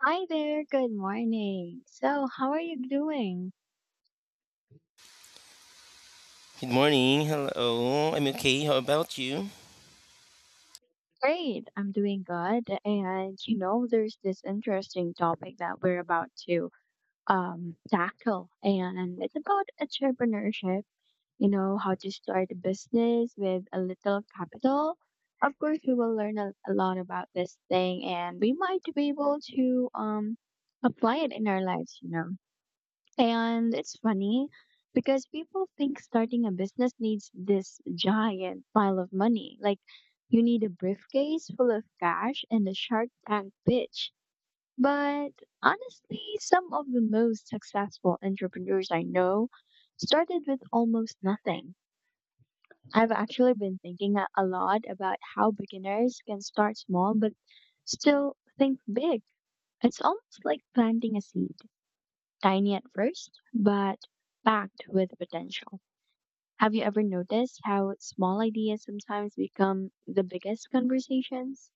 Hi there, good morning. So, how are you doing? Good morning. Hello. I'm okay. How about you? Great, I'm doing good. And you know, there's this interesting topic that we're about to tackle, and it's about entrepreneurship, you know, how to start a business with a little capital. Of course, we will learn a lot about this thing and we might be able to apply it in our lives, you know. And it's funny because people think starting a business needs this giant pile of money. Like you need a briefcase full of cash and a Shark Tank pitch. But honestly, some of the most successful entrepreneurs I know started with almost nothing. I've actually been thinking a lot about how beginners can start small but still think big. It's almost like planting a seed. Tiny at first, but packed with potential. Have you ever noticed how small ideas sometimes become the biggest conversations?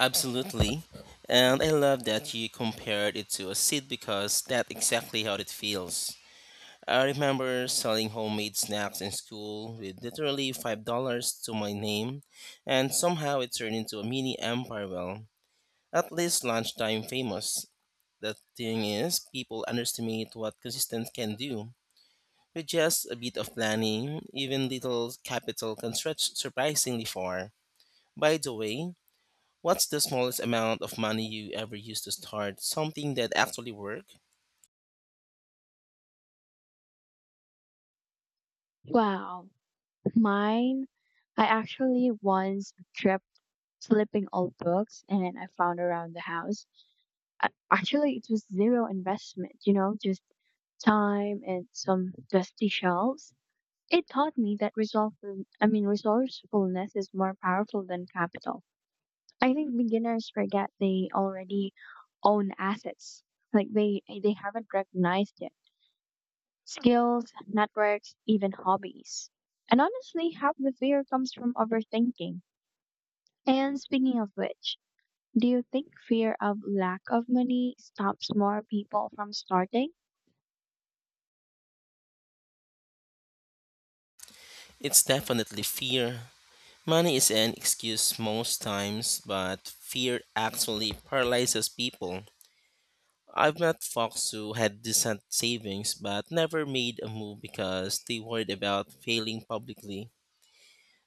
Absolutely. And I love that you compared it to a seed because that's exactly how it feels. I remember selling homemade snacks in school with literally $5 to my name, and somehow it turned into a mini empire. Well, at least lunchtime famous. The thing is, people underestimate what consistent can do. With just a bit of planning, even little capital can stretch surprisingly far. By the way, what's the smallest amount of money you ever used to start something that actually worked? Wow, mine. I actually once tripped flipping old books and I found around the house. Actually, it was zero investment, you know, just time and some dusty shelves. It taught me that resourcefulness is more powerful than capital. I think beginners forget they already own assets. Like they haven't recognized it. Skills, networks, even hobbies. And honestly, half the fear comes from overthinking. And speaking of which, do you think fear of lack of money stops more people from starting? It's definitely fear. Money is an excuse most times, but fear actually paralyzes people. I've met folks who had decent savings but never made a move because they worried about failing publicly.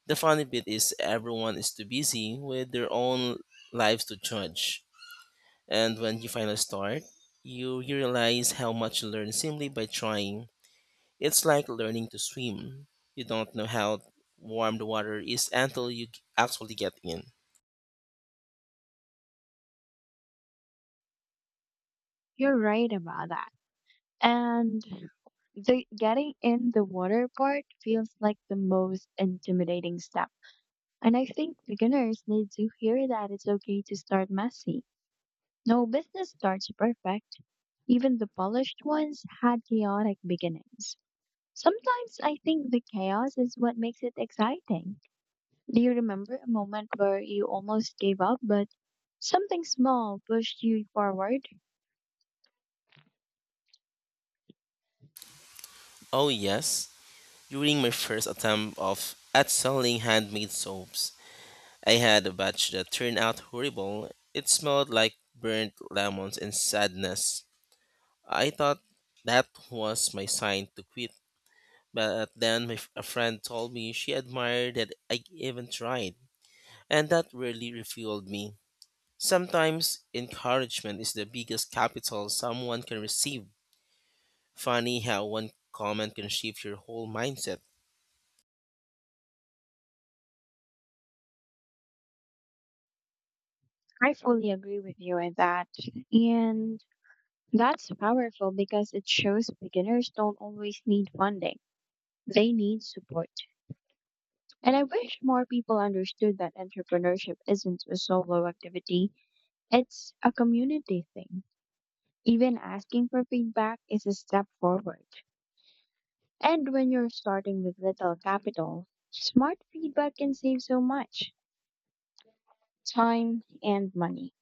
The funny bit is everyone is too busy with their own lives to judge. And when you finally start, you realize how much you learn simply by trying. It's like learning to swim. You don't know how warm the water is until you actually get in. You're right about that. And the getting in the water part feels like the most intimidating step. And I think beginners need to hear that it's okay to start messy. No business starts perfect. Even the polished ones had chaotic beginnings. Sometimes I think the chaos is what makes it exciting. Do you remember a moment where you almost gave up, but something small pushed you forward? Oh yes, during my first attempt of at selling handmade soaps, I had a batch that turned out horrible. It smelled like burnt lemons and sadness. I thought that was my sign to quit, but then a friend told me she admired that I even tried. And that really refueled me. Sometimes encouragement is the biggest capital someone can receive. Funny how one comment can shift your whole mindset. I fully agree with you in that. And that's powerful because it shows beginners don't always need funding, they need support. And I wish more people understood that entrepreneurship isn't a solo activity, it's a community thing. Even asking for feedback is a step forward. And when you're starting with little capital, smart feedback can save so much time and money.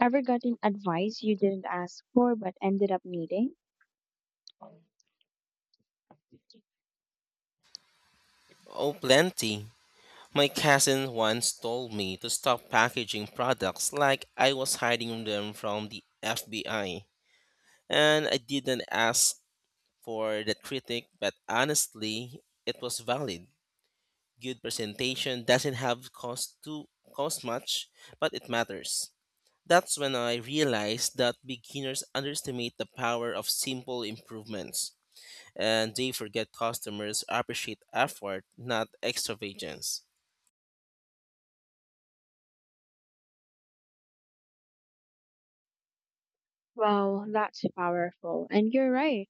Ever gotten advice you didn't ask for but ended up needing? Oh, plenty. My cousin once told me to stop packaging products like I was hiding them from the FBI. And I didn't ask for the critic, but honestly, it was valid. Good presentation doesn't have cost to cost much, but it matters. That's when I realized that beginners underestimate the power of simple improvements, and they forget customers appreciate effort, not extravagance. Well, that's powerful. And you're right.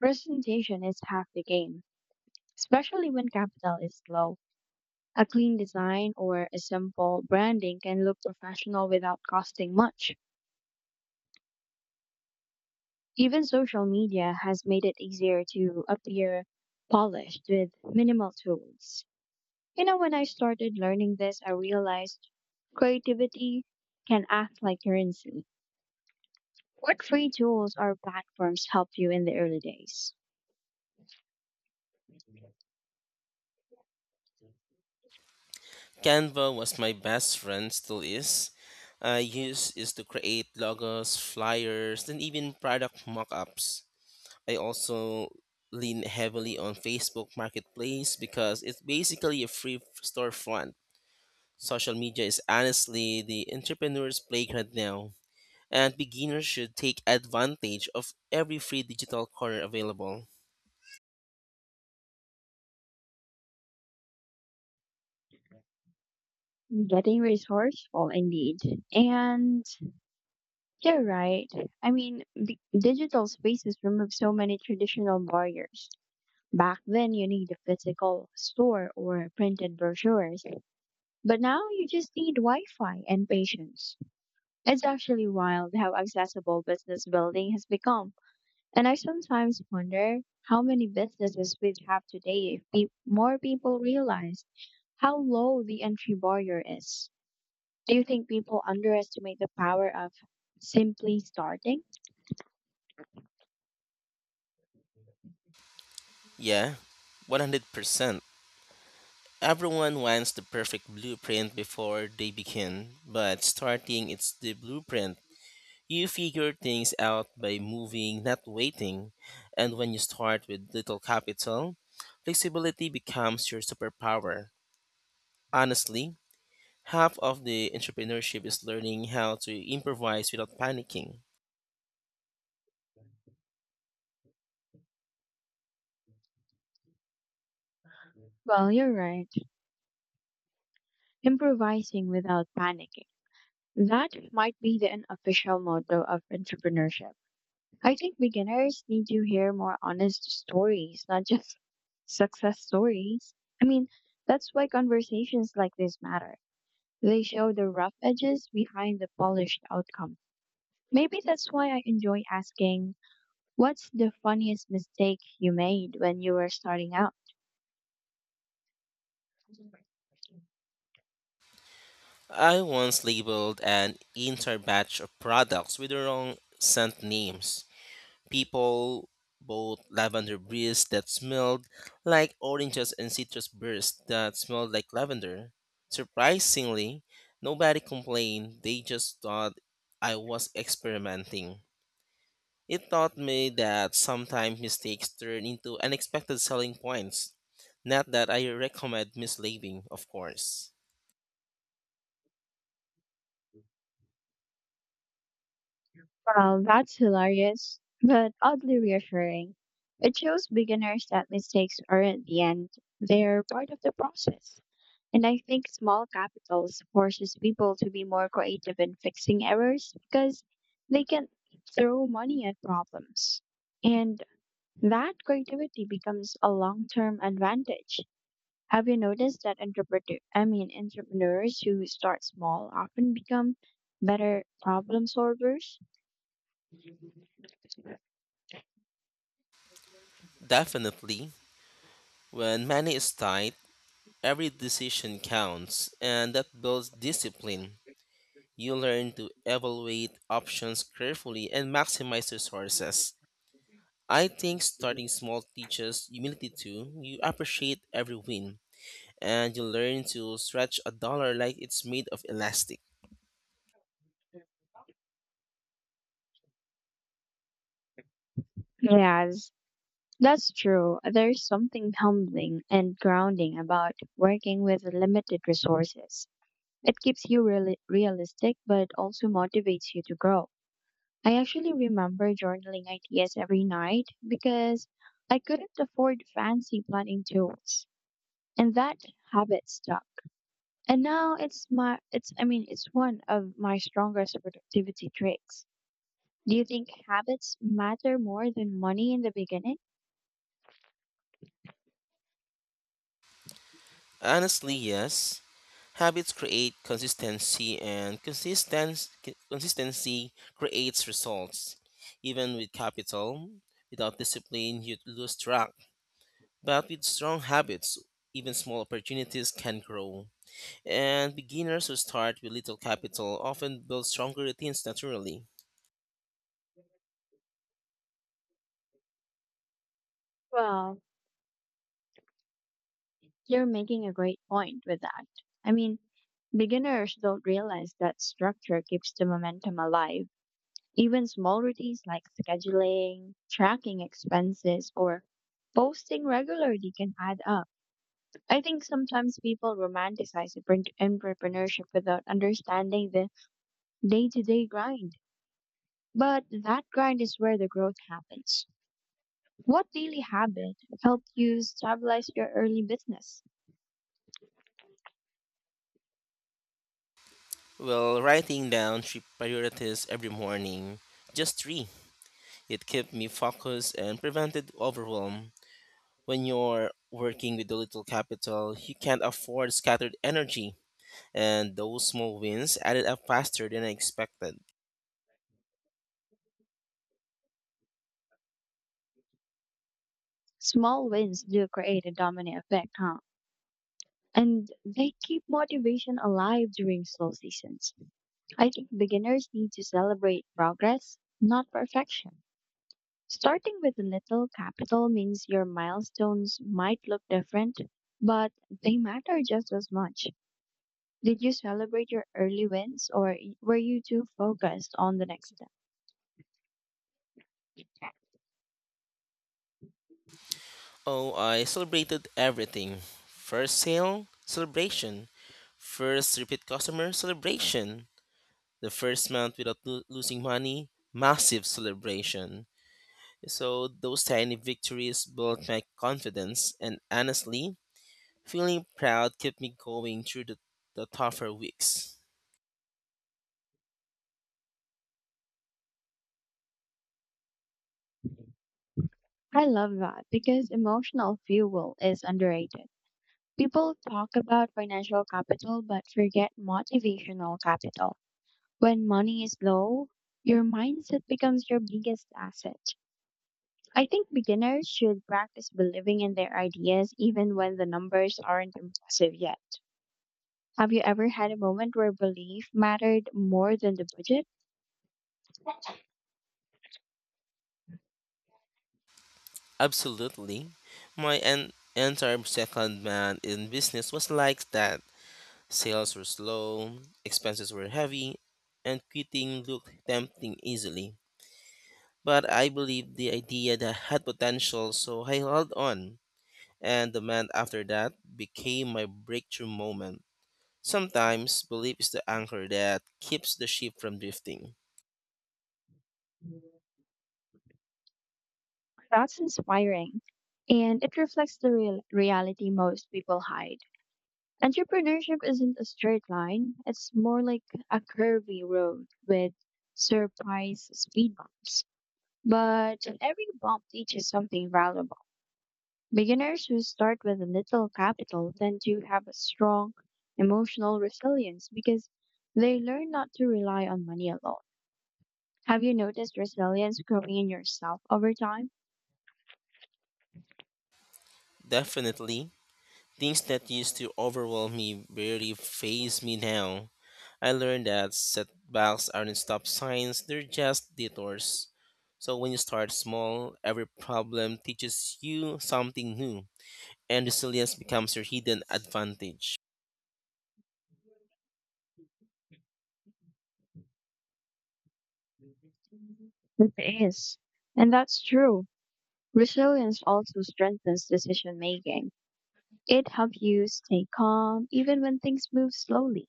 Presentation is half the game, especially when capital is low. A clean design or a simple branding can look professional without costing much. Even social media has made it easier to appear polished with minimal tools. You know, when I started learning this, I realized creativity can act like currency. What free tools or platforms help you in the early days? Canva was my best friend, still is. I use is to create logos, flyers, and even product mock-ups. I also lean heavily on Facebook Marketplace because it's basically a free storefront. Social media is honestly the entrepreneur's playground now, and beginners should take advantage of every free digital corner available. Getting resourceful, indeed. And you're right. I mean, the digital spaces remove so many traditional barriers. Back then, you need a physical store or printed brochures, but now you just need Wi Fi and patience. It's actually wild how accessible business building has become, and I sometimes wonder how many businesses we'd have today if more people realize how low the entry barrier is. Do you think people underestimate the power of simply starting? Yeah, 100%. Everyone wants the perfect blueprint before they begin, but starting it's the blueprint. You figure things out by moving, not waiting. And when you start with little capital, flexibility becomes your superpower. Honestly, half of the entrepreneurship is learning how to improvise without panicking. Well, you're right. Improvising without panicking. That might be the unofficial motto of entrepreneurship. I think beginners need to hear more honest stories, not just success stories. I mean, that's why conversations like this matter. They show the rough edges behind the polished outcome. Maybe that's why I enjoy asking, what's the funniest mistake you made when you were starting out? I once labeled an entire batch of products with the wrong scent names. People bought lavender breeze that smelled like oranges and citrus bursts that smelled like lavender. Surprisingly, nobody complained, they just thought I was experimenting. It taught me that sometimes mistakes turn into unexpected selling points. Not that I recommend mislabeling, of course. Well, that's hilarious, but oddly reassuring. It shows beginners that mistakes aren't the end, they're part of the process. And I think small capitals forces people to be more creative in fixing errors because they can throw money at problems. And that creativity becomes a long-term advantage. Have you noticed that entrepreneurs who start small often become better problem solvers? Definitely. When money is tight, every decision counts, and that builds discipline. You learn to evaluate options carefully and maximize resources. I think starting small teaches humility too. You appreciate every win, and you learn to stretch a dollar like it's made of elastic. Yes, that's true. There's something humbling and grounding about working with limited resources. It keeps you realistic, but also motivates you to grow. I actually remember journaling ideas every night because I couldn't afford fancy planning tools, and that habit stuck. And now it's my, it's, I mean, it's one of my strongest productivity tricks. Do you think habits matter more than money in the beginning? Honestly, yes. Habits create consistency, and consistency creates results. Even with capital, without discipline, you lose track. But with strong habits, even small opportunities can grow. And beginners who start with little capital often build stronger routines naturally. Well, you're making a great point with that. I mean, beginners don't realize that structure keeps the momentum alive. Even small routines like scheduling, tracking expenses, or posting regularly can add up. I think sometimes people romanticize entrepreneurship without understanding the day to day grind. But that grind is where the growth happens. What daily habit helped you stabilize your early business? Well, writing down three priorities every morning, just three, it kept me focused and prevented overwhelm. When you're working with the little capital, you can't afford scattered energy, and those small wins added up faster than I expected. Small wins do create a domino effect, huh? And they keep motivation alive during slow seasons. I think beginners need to celebrate progress, not perfection. Starting with a little capital means your milestones might look different, but they matter just as much. Did you celebrate your early wins or were you too focused on the next step? Oh, I celebrated everything. First sale, celebration. First repeat customer, celebration. The first month without losing money, massive celebration. So those tiny victories built my confidence and honestly, feeling proud kept me going through the tougher weeks. I love that because emotional fuel is underrated. People talk about financial capital but forget motivational capital. When money is low, your mindset becomes your biggest asset. I think beginners should practice believing in their ideas even when the numbers aren't impressive yet. Have you ever had a moment where belief mattered more than the budget? Absolutely. My entire second man in business was like that. Sales were slow, expenses were heavy, and quitting looked tempting easily. But I believed the idea that had potential, so I held on. And the month after that became my breakthrough moment. Sometimes belief is the anchor that keeps the ship from drifting. That's inspiring. And it reflects the real reality most people hide. Entrepreneurship isn't a straight line, it's more like a curvy road with surprise speed bumps. But every bump teaches something valuable. Beginners who start with little capital tend to have a strong emotional resilience because they learn not to rely on money alone. Have you noticed resilience growing in yourself over time? Definitely, things that used to overwhelm me barely phase me now. I learned that setbacks aren't stop signs, they're just detours. So when you start small, every problem teaches you something new, and resilience becomes your hidden advantage. It is. And that's true. Resilience also strengthens decision making. It helps you stay calm even when things move slowly.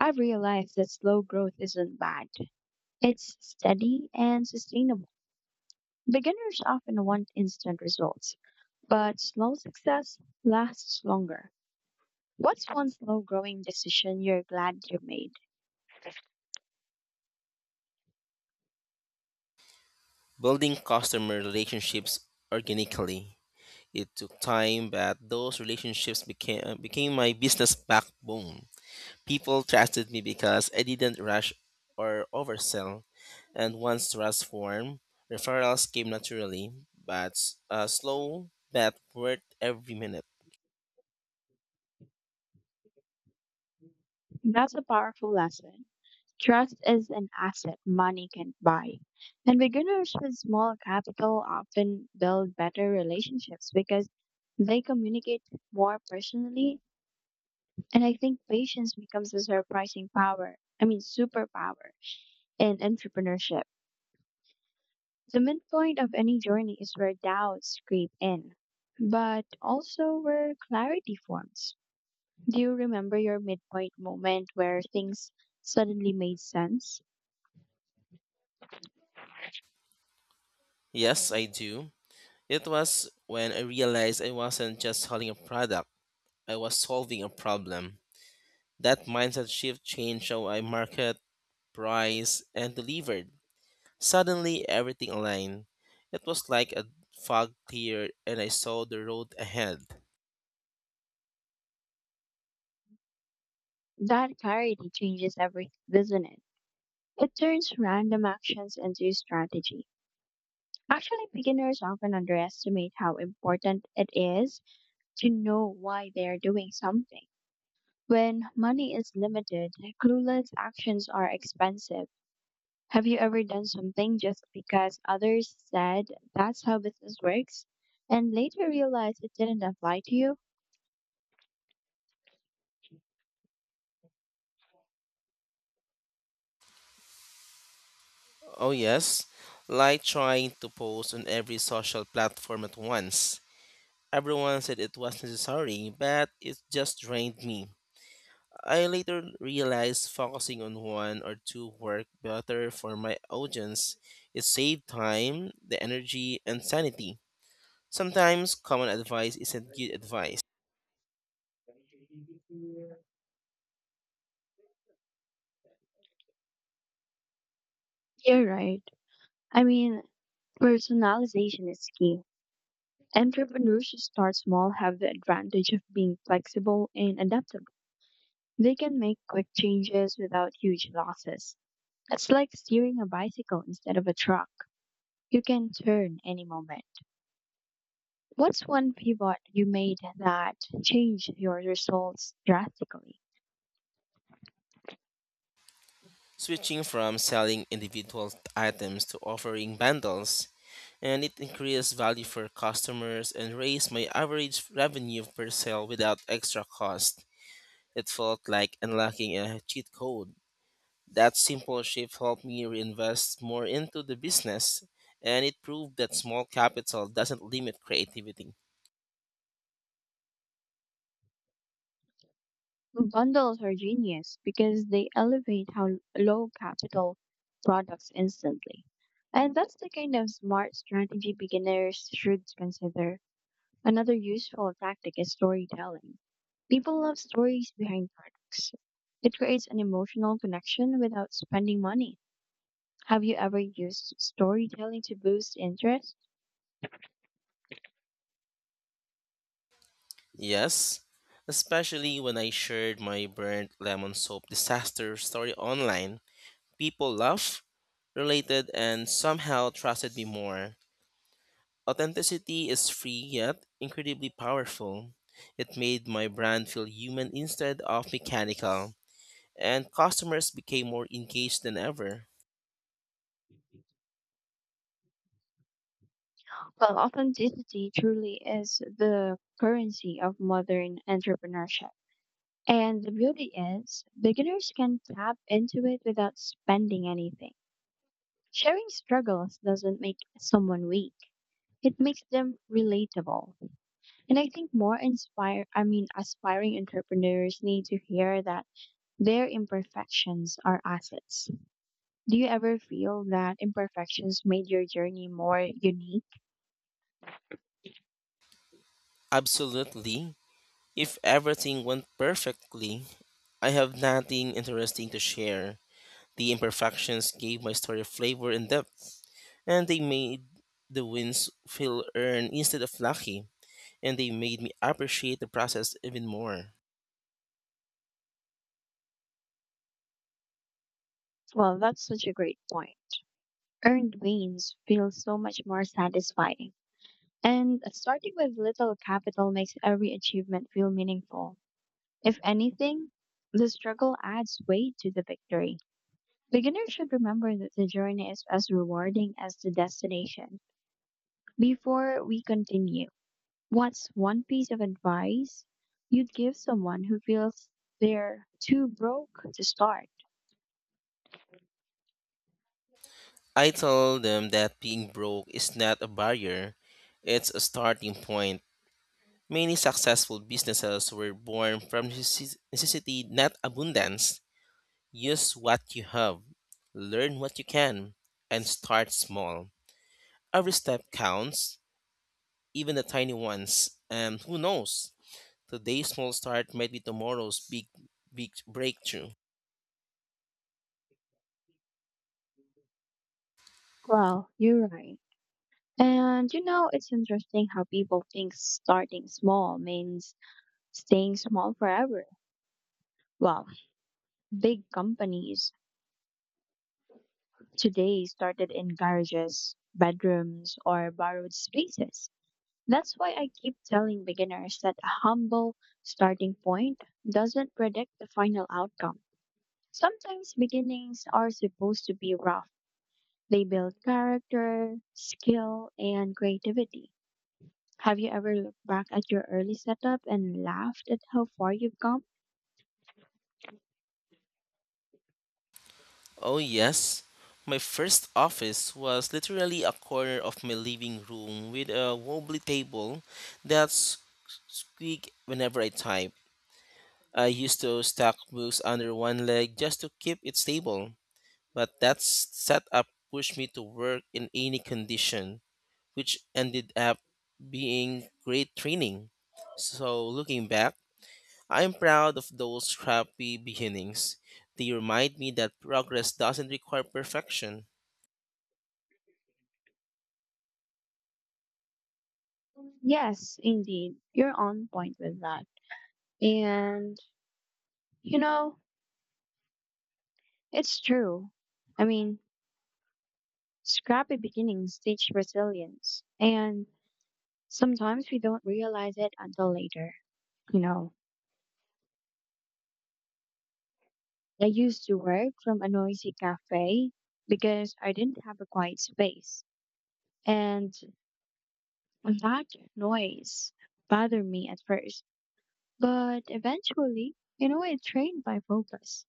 I've realized that slow growth isn't bad. It's steady and sustainable. Beginners often want instant results, but slow success lasts longer. What's one slow growing decision you're glad you made? Building customer relationships organically. It took time, but those relationships became my business backbone. People trusted me because I didn't rush or oversell, and once trust formed, referrals came naturally, but a slow bet worth every minute. That's a powerful lesson. Trust is an asset money can buy. And beginners with small capital often build better relationships because they communicate more personally. And I think patience becomes a surprising superpower in entrepreneurship. The midpoint of any journey is where doubts creep in, but also where clarity forms. Do you remember your midpoint moment where things suddenly made sense? Yes, I do. It was when I realized I wasn't just selling a product, I was solving a problem. That mindset shift changed how I market, price, and delivered. Suddenly, everything aligned. It was like a fog cleared and I saw the road ahead. That clarity changes everything, doesn't it? It turns random actions into strategy. Actually, beginners often underestimate how important it is to know why they are doing something. When money is limited, clueless actions are expensive. Have you ever done something just because others said that's how business works and later realized it didn't apply to you? Oh, yes, like trying to post on every social platform at once. Everyone said it was necessary, but it just drained me. I later realized focusing on one or two worked better for my audience. It saved time, the energy, and sanity. Sometimes common advice isn't good advice. You're right. I mean, personalization is key. Entrepreneurs who start small have the advantage of being flexible and adaptable. They can make quick changes without huge losses. It's like steering a bicycle instead of a truck. You can turn any moment. What's one pivot you made that changed your results drastically? Switching from selling individual items to offering bundles, and it increased value for customers and raised my average revenue per sale without extra cost. It felt like unlocking a cheat code. That simple shift helped me reinvest more into the business, and it proved that small capital doesn't limit creativity. Bundles are genius because they elevate how low capital products instantly. And that's the kind of smart strategy beginners should consider. Another useful tactic is storytelling. People love stories behind products. It creates an emotional connection without spending money. Have you ever used storytelling to boost interest? Yes, especially when I shared my burnt lemon soap disaster story online. People laughed, related, and somehow trusted me more. Authenticity is free yet incredibly powerful. It made my brand feel human instead of mechanical, and customers became more engaged than ever. Well, authenticity truly is the currency of modern entrepreneurship. And the beauty is, beginners can tap into it without spending anything. Sharing struggles doesn't make someone weak. It makes them relatable. And I think more inspire I mean aspiring entrepreneurs need to hear that their imperfections are assets. Do you ever feel that imperfections made your journey more unique? Absolutely. If everything went perfectly, I have nothing interesting to share. The imperfections gave my story flavor and depth, and they made the wins feel earned instead of lucky, and they made me appreciate the process even more. Well, that's such a great point. Earned wins feel so much more satisfying. And starting with little capital makes every achievement feel meaningful. If anything, the struggle adds weight to the victory. Beginners should remember that the journey is as rewarding as the destination. Before we continue, what's one piece of advice you'd give someone who feels they're too broke to start? I told them that being broke is not a barrier, it's a starting point. Many successful businesses were born from necessity, not abundance. Use what you have, learn what you can, and start small. Every step counts, even the tiny ones, and who knows? Today's small start might be tomorrow's big, big breakthrough. Well, you're right. And you know, it's interesting how people think starting small means staying small forever. Well, big companies today started in garages, bedrooms, or borrowed spaces. That's why I keep telling beginners that a humble starting point doesn't predict the final outcome. Sometimes beginnings are supposed to be rough. They build character, skill, and creativity. Have you ever looked back at your early setup and laughed at how far you've come? Oh, yes. My first office was literally a corner of my living room with a wobbly table that squeaked whenever I type. I used to stack books under one leg just to keep it stable, but that setup pushed me to work in any condition, which ended up being great training. So, looking back, I'm proud of those scrappy beginnings. They remind me that progress doesn't require perfection. Yes, indeed. You're on point with that. And, you know, it's true. I mean, scrappy beginnings teach resilience, and sometimes we don't realize it until later. You know, I used to work from a noisy cafe because I didn't have a quiet space, and that noise bothered me at first. But eventually, you know, it trained my focus.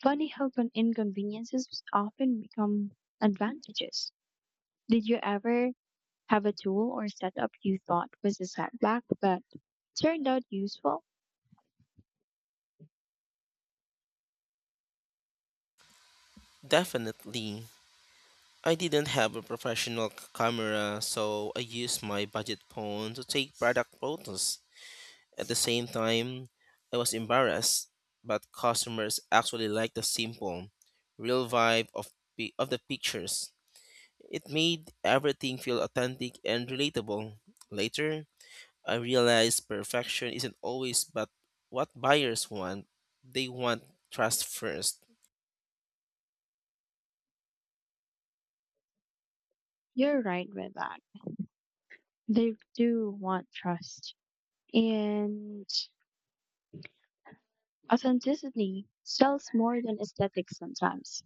Funny how inconveniences often become advantages. Did you ever have a tool or setup you thought was a setback but turned out useful, Definitely. I didn't have a professional camera, so I used my budget phone to take product photos. At the same time, I was embarrassed, but customers actually liked the simple, real vibe of the pictures. It made everything feel authentic and relatable. Later, I realized perfection isn't always but what buyers want. They want trust first. you're right with that. They do want trust. And authenticity sells more than aesthetics sometimes.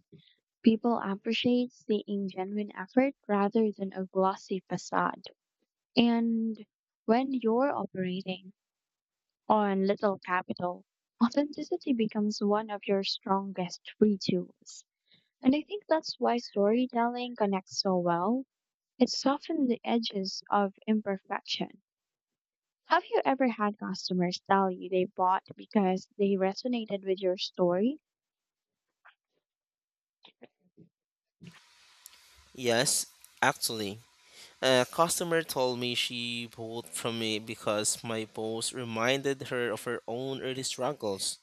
People appreciate seeing genuine effort rather than a glossy facade. And when you're operating on little capital, authenticity becomes one of your strongest free tools. And I think that's why storytelling connects so well. It softens the edges of imperfection. Have you ever had customers tell you they bought because they resonated with your story? Yes, actually. A customer told me she bought from me because my post reminded her of her own early struggles.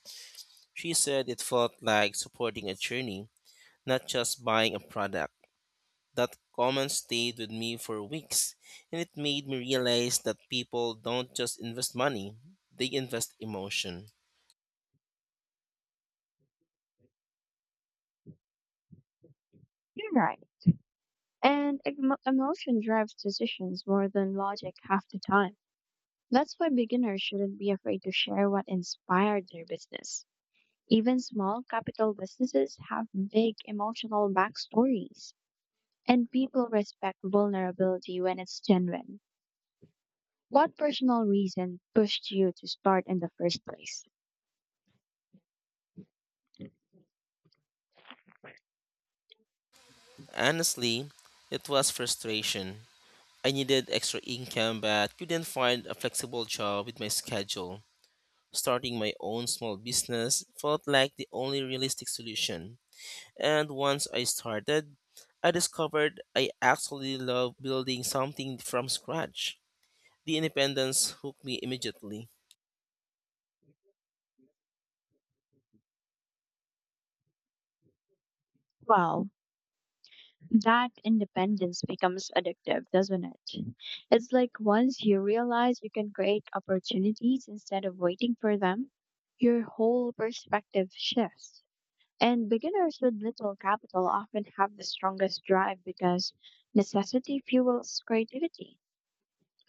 She said it felt like supporting a journey, not just buying a product. That comment stayed with me for weeks, and it made me realize that people don't just invest money, they invest emotion. You're right. And emotion drives decisions more than logic half the time. That's why beginners shouldn't be afraid to share what inspired their business. Even small capital businesses have big emotional backstories, and people respect vulnerability when it's genuine. What personal reason pushed you to start in the first place? Honestly, it was frustration. I needed extra income but couldn't find a flexible job with my schedule. Starting my own small business felt like the only realistic solution. And once I started, I discovered I actually love building something from scratch. The independence hooked me immediately. Wow, that independence becomes addictive, doesn't it? It's like once you realize you can create opportunities instead of waiting for them, your whole perspective shifts. And beginners with little capital often have the strongest drive because necessity fuels creativity.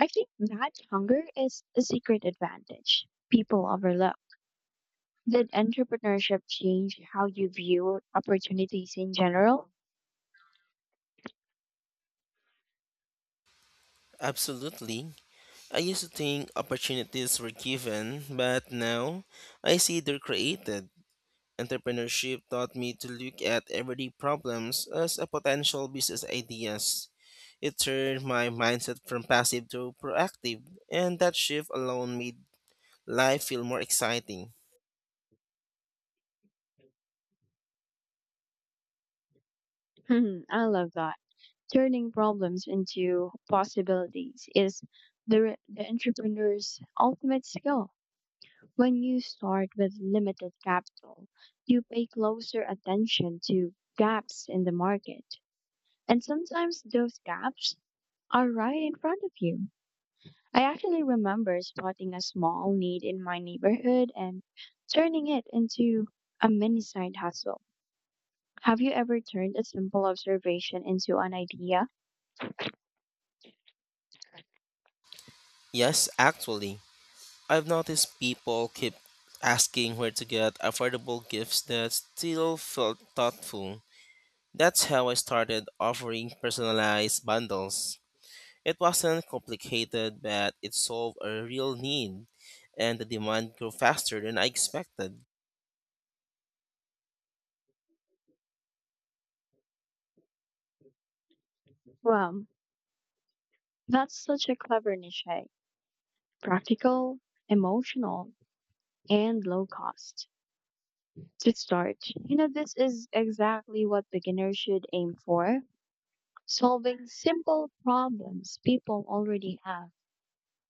I think that hunger is a secret advantage people overlook. Did entrepreneurship change how you view opportunities in general? Absolutely. I used to think opportunities were given, but now I see they're created. Entrepreneurship taught me to look at everyday problems as a potential business ideas. It turned my mindset from passive to proactive, and that shift alone made life feel more exciting. Hmm, I love that. Turning problems into possibilities is the, the entrepreneur's ultimate skill. When you start with limited capital, you pay closer attention to gaps in the market. And sometimes those gaps are right in front of you. I actually remember spotting a small need in my neighborhood and turning it into a mini side hustle. Have you ever turned a simple observation into an idea? Yes, actually, I've noticed people keep asking where to get affordable gifts that still felt thoughtful. That's how I started offering personalized bundles. It wasn't complicated, but it solved a real need, and the demand grew faster than I expected. Wow, that's such a clever niche. Eh? Practical, emotional, and low cost. To start, you know, this is exactly what beginners should aim for solving simple problems people already have.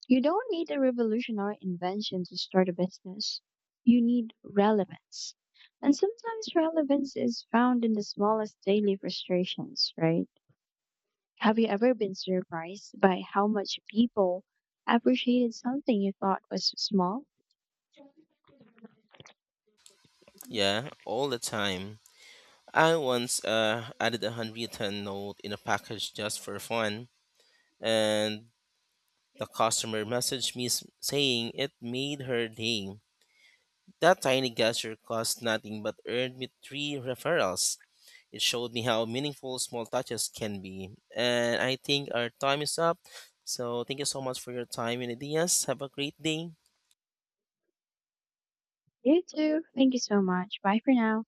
You don't need a revolutionary invention to start a business. You need relevance. And sometimes relevance is found in the smallest daily frustrations, right? Have you ever been surprised by how much people appreciated something you thought was small? Yeah, all the time. I once added a handwritten note in a package just for fun, and the customer messaged me saying it made her day. That tiny gesture cost nothing but earned me three referrals. It showed me how meaningful small touches can be. And I think our time is up. So thank you so much for your time and ideas. Have a great day. You too. Thank you so much. Bye for now.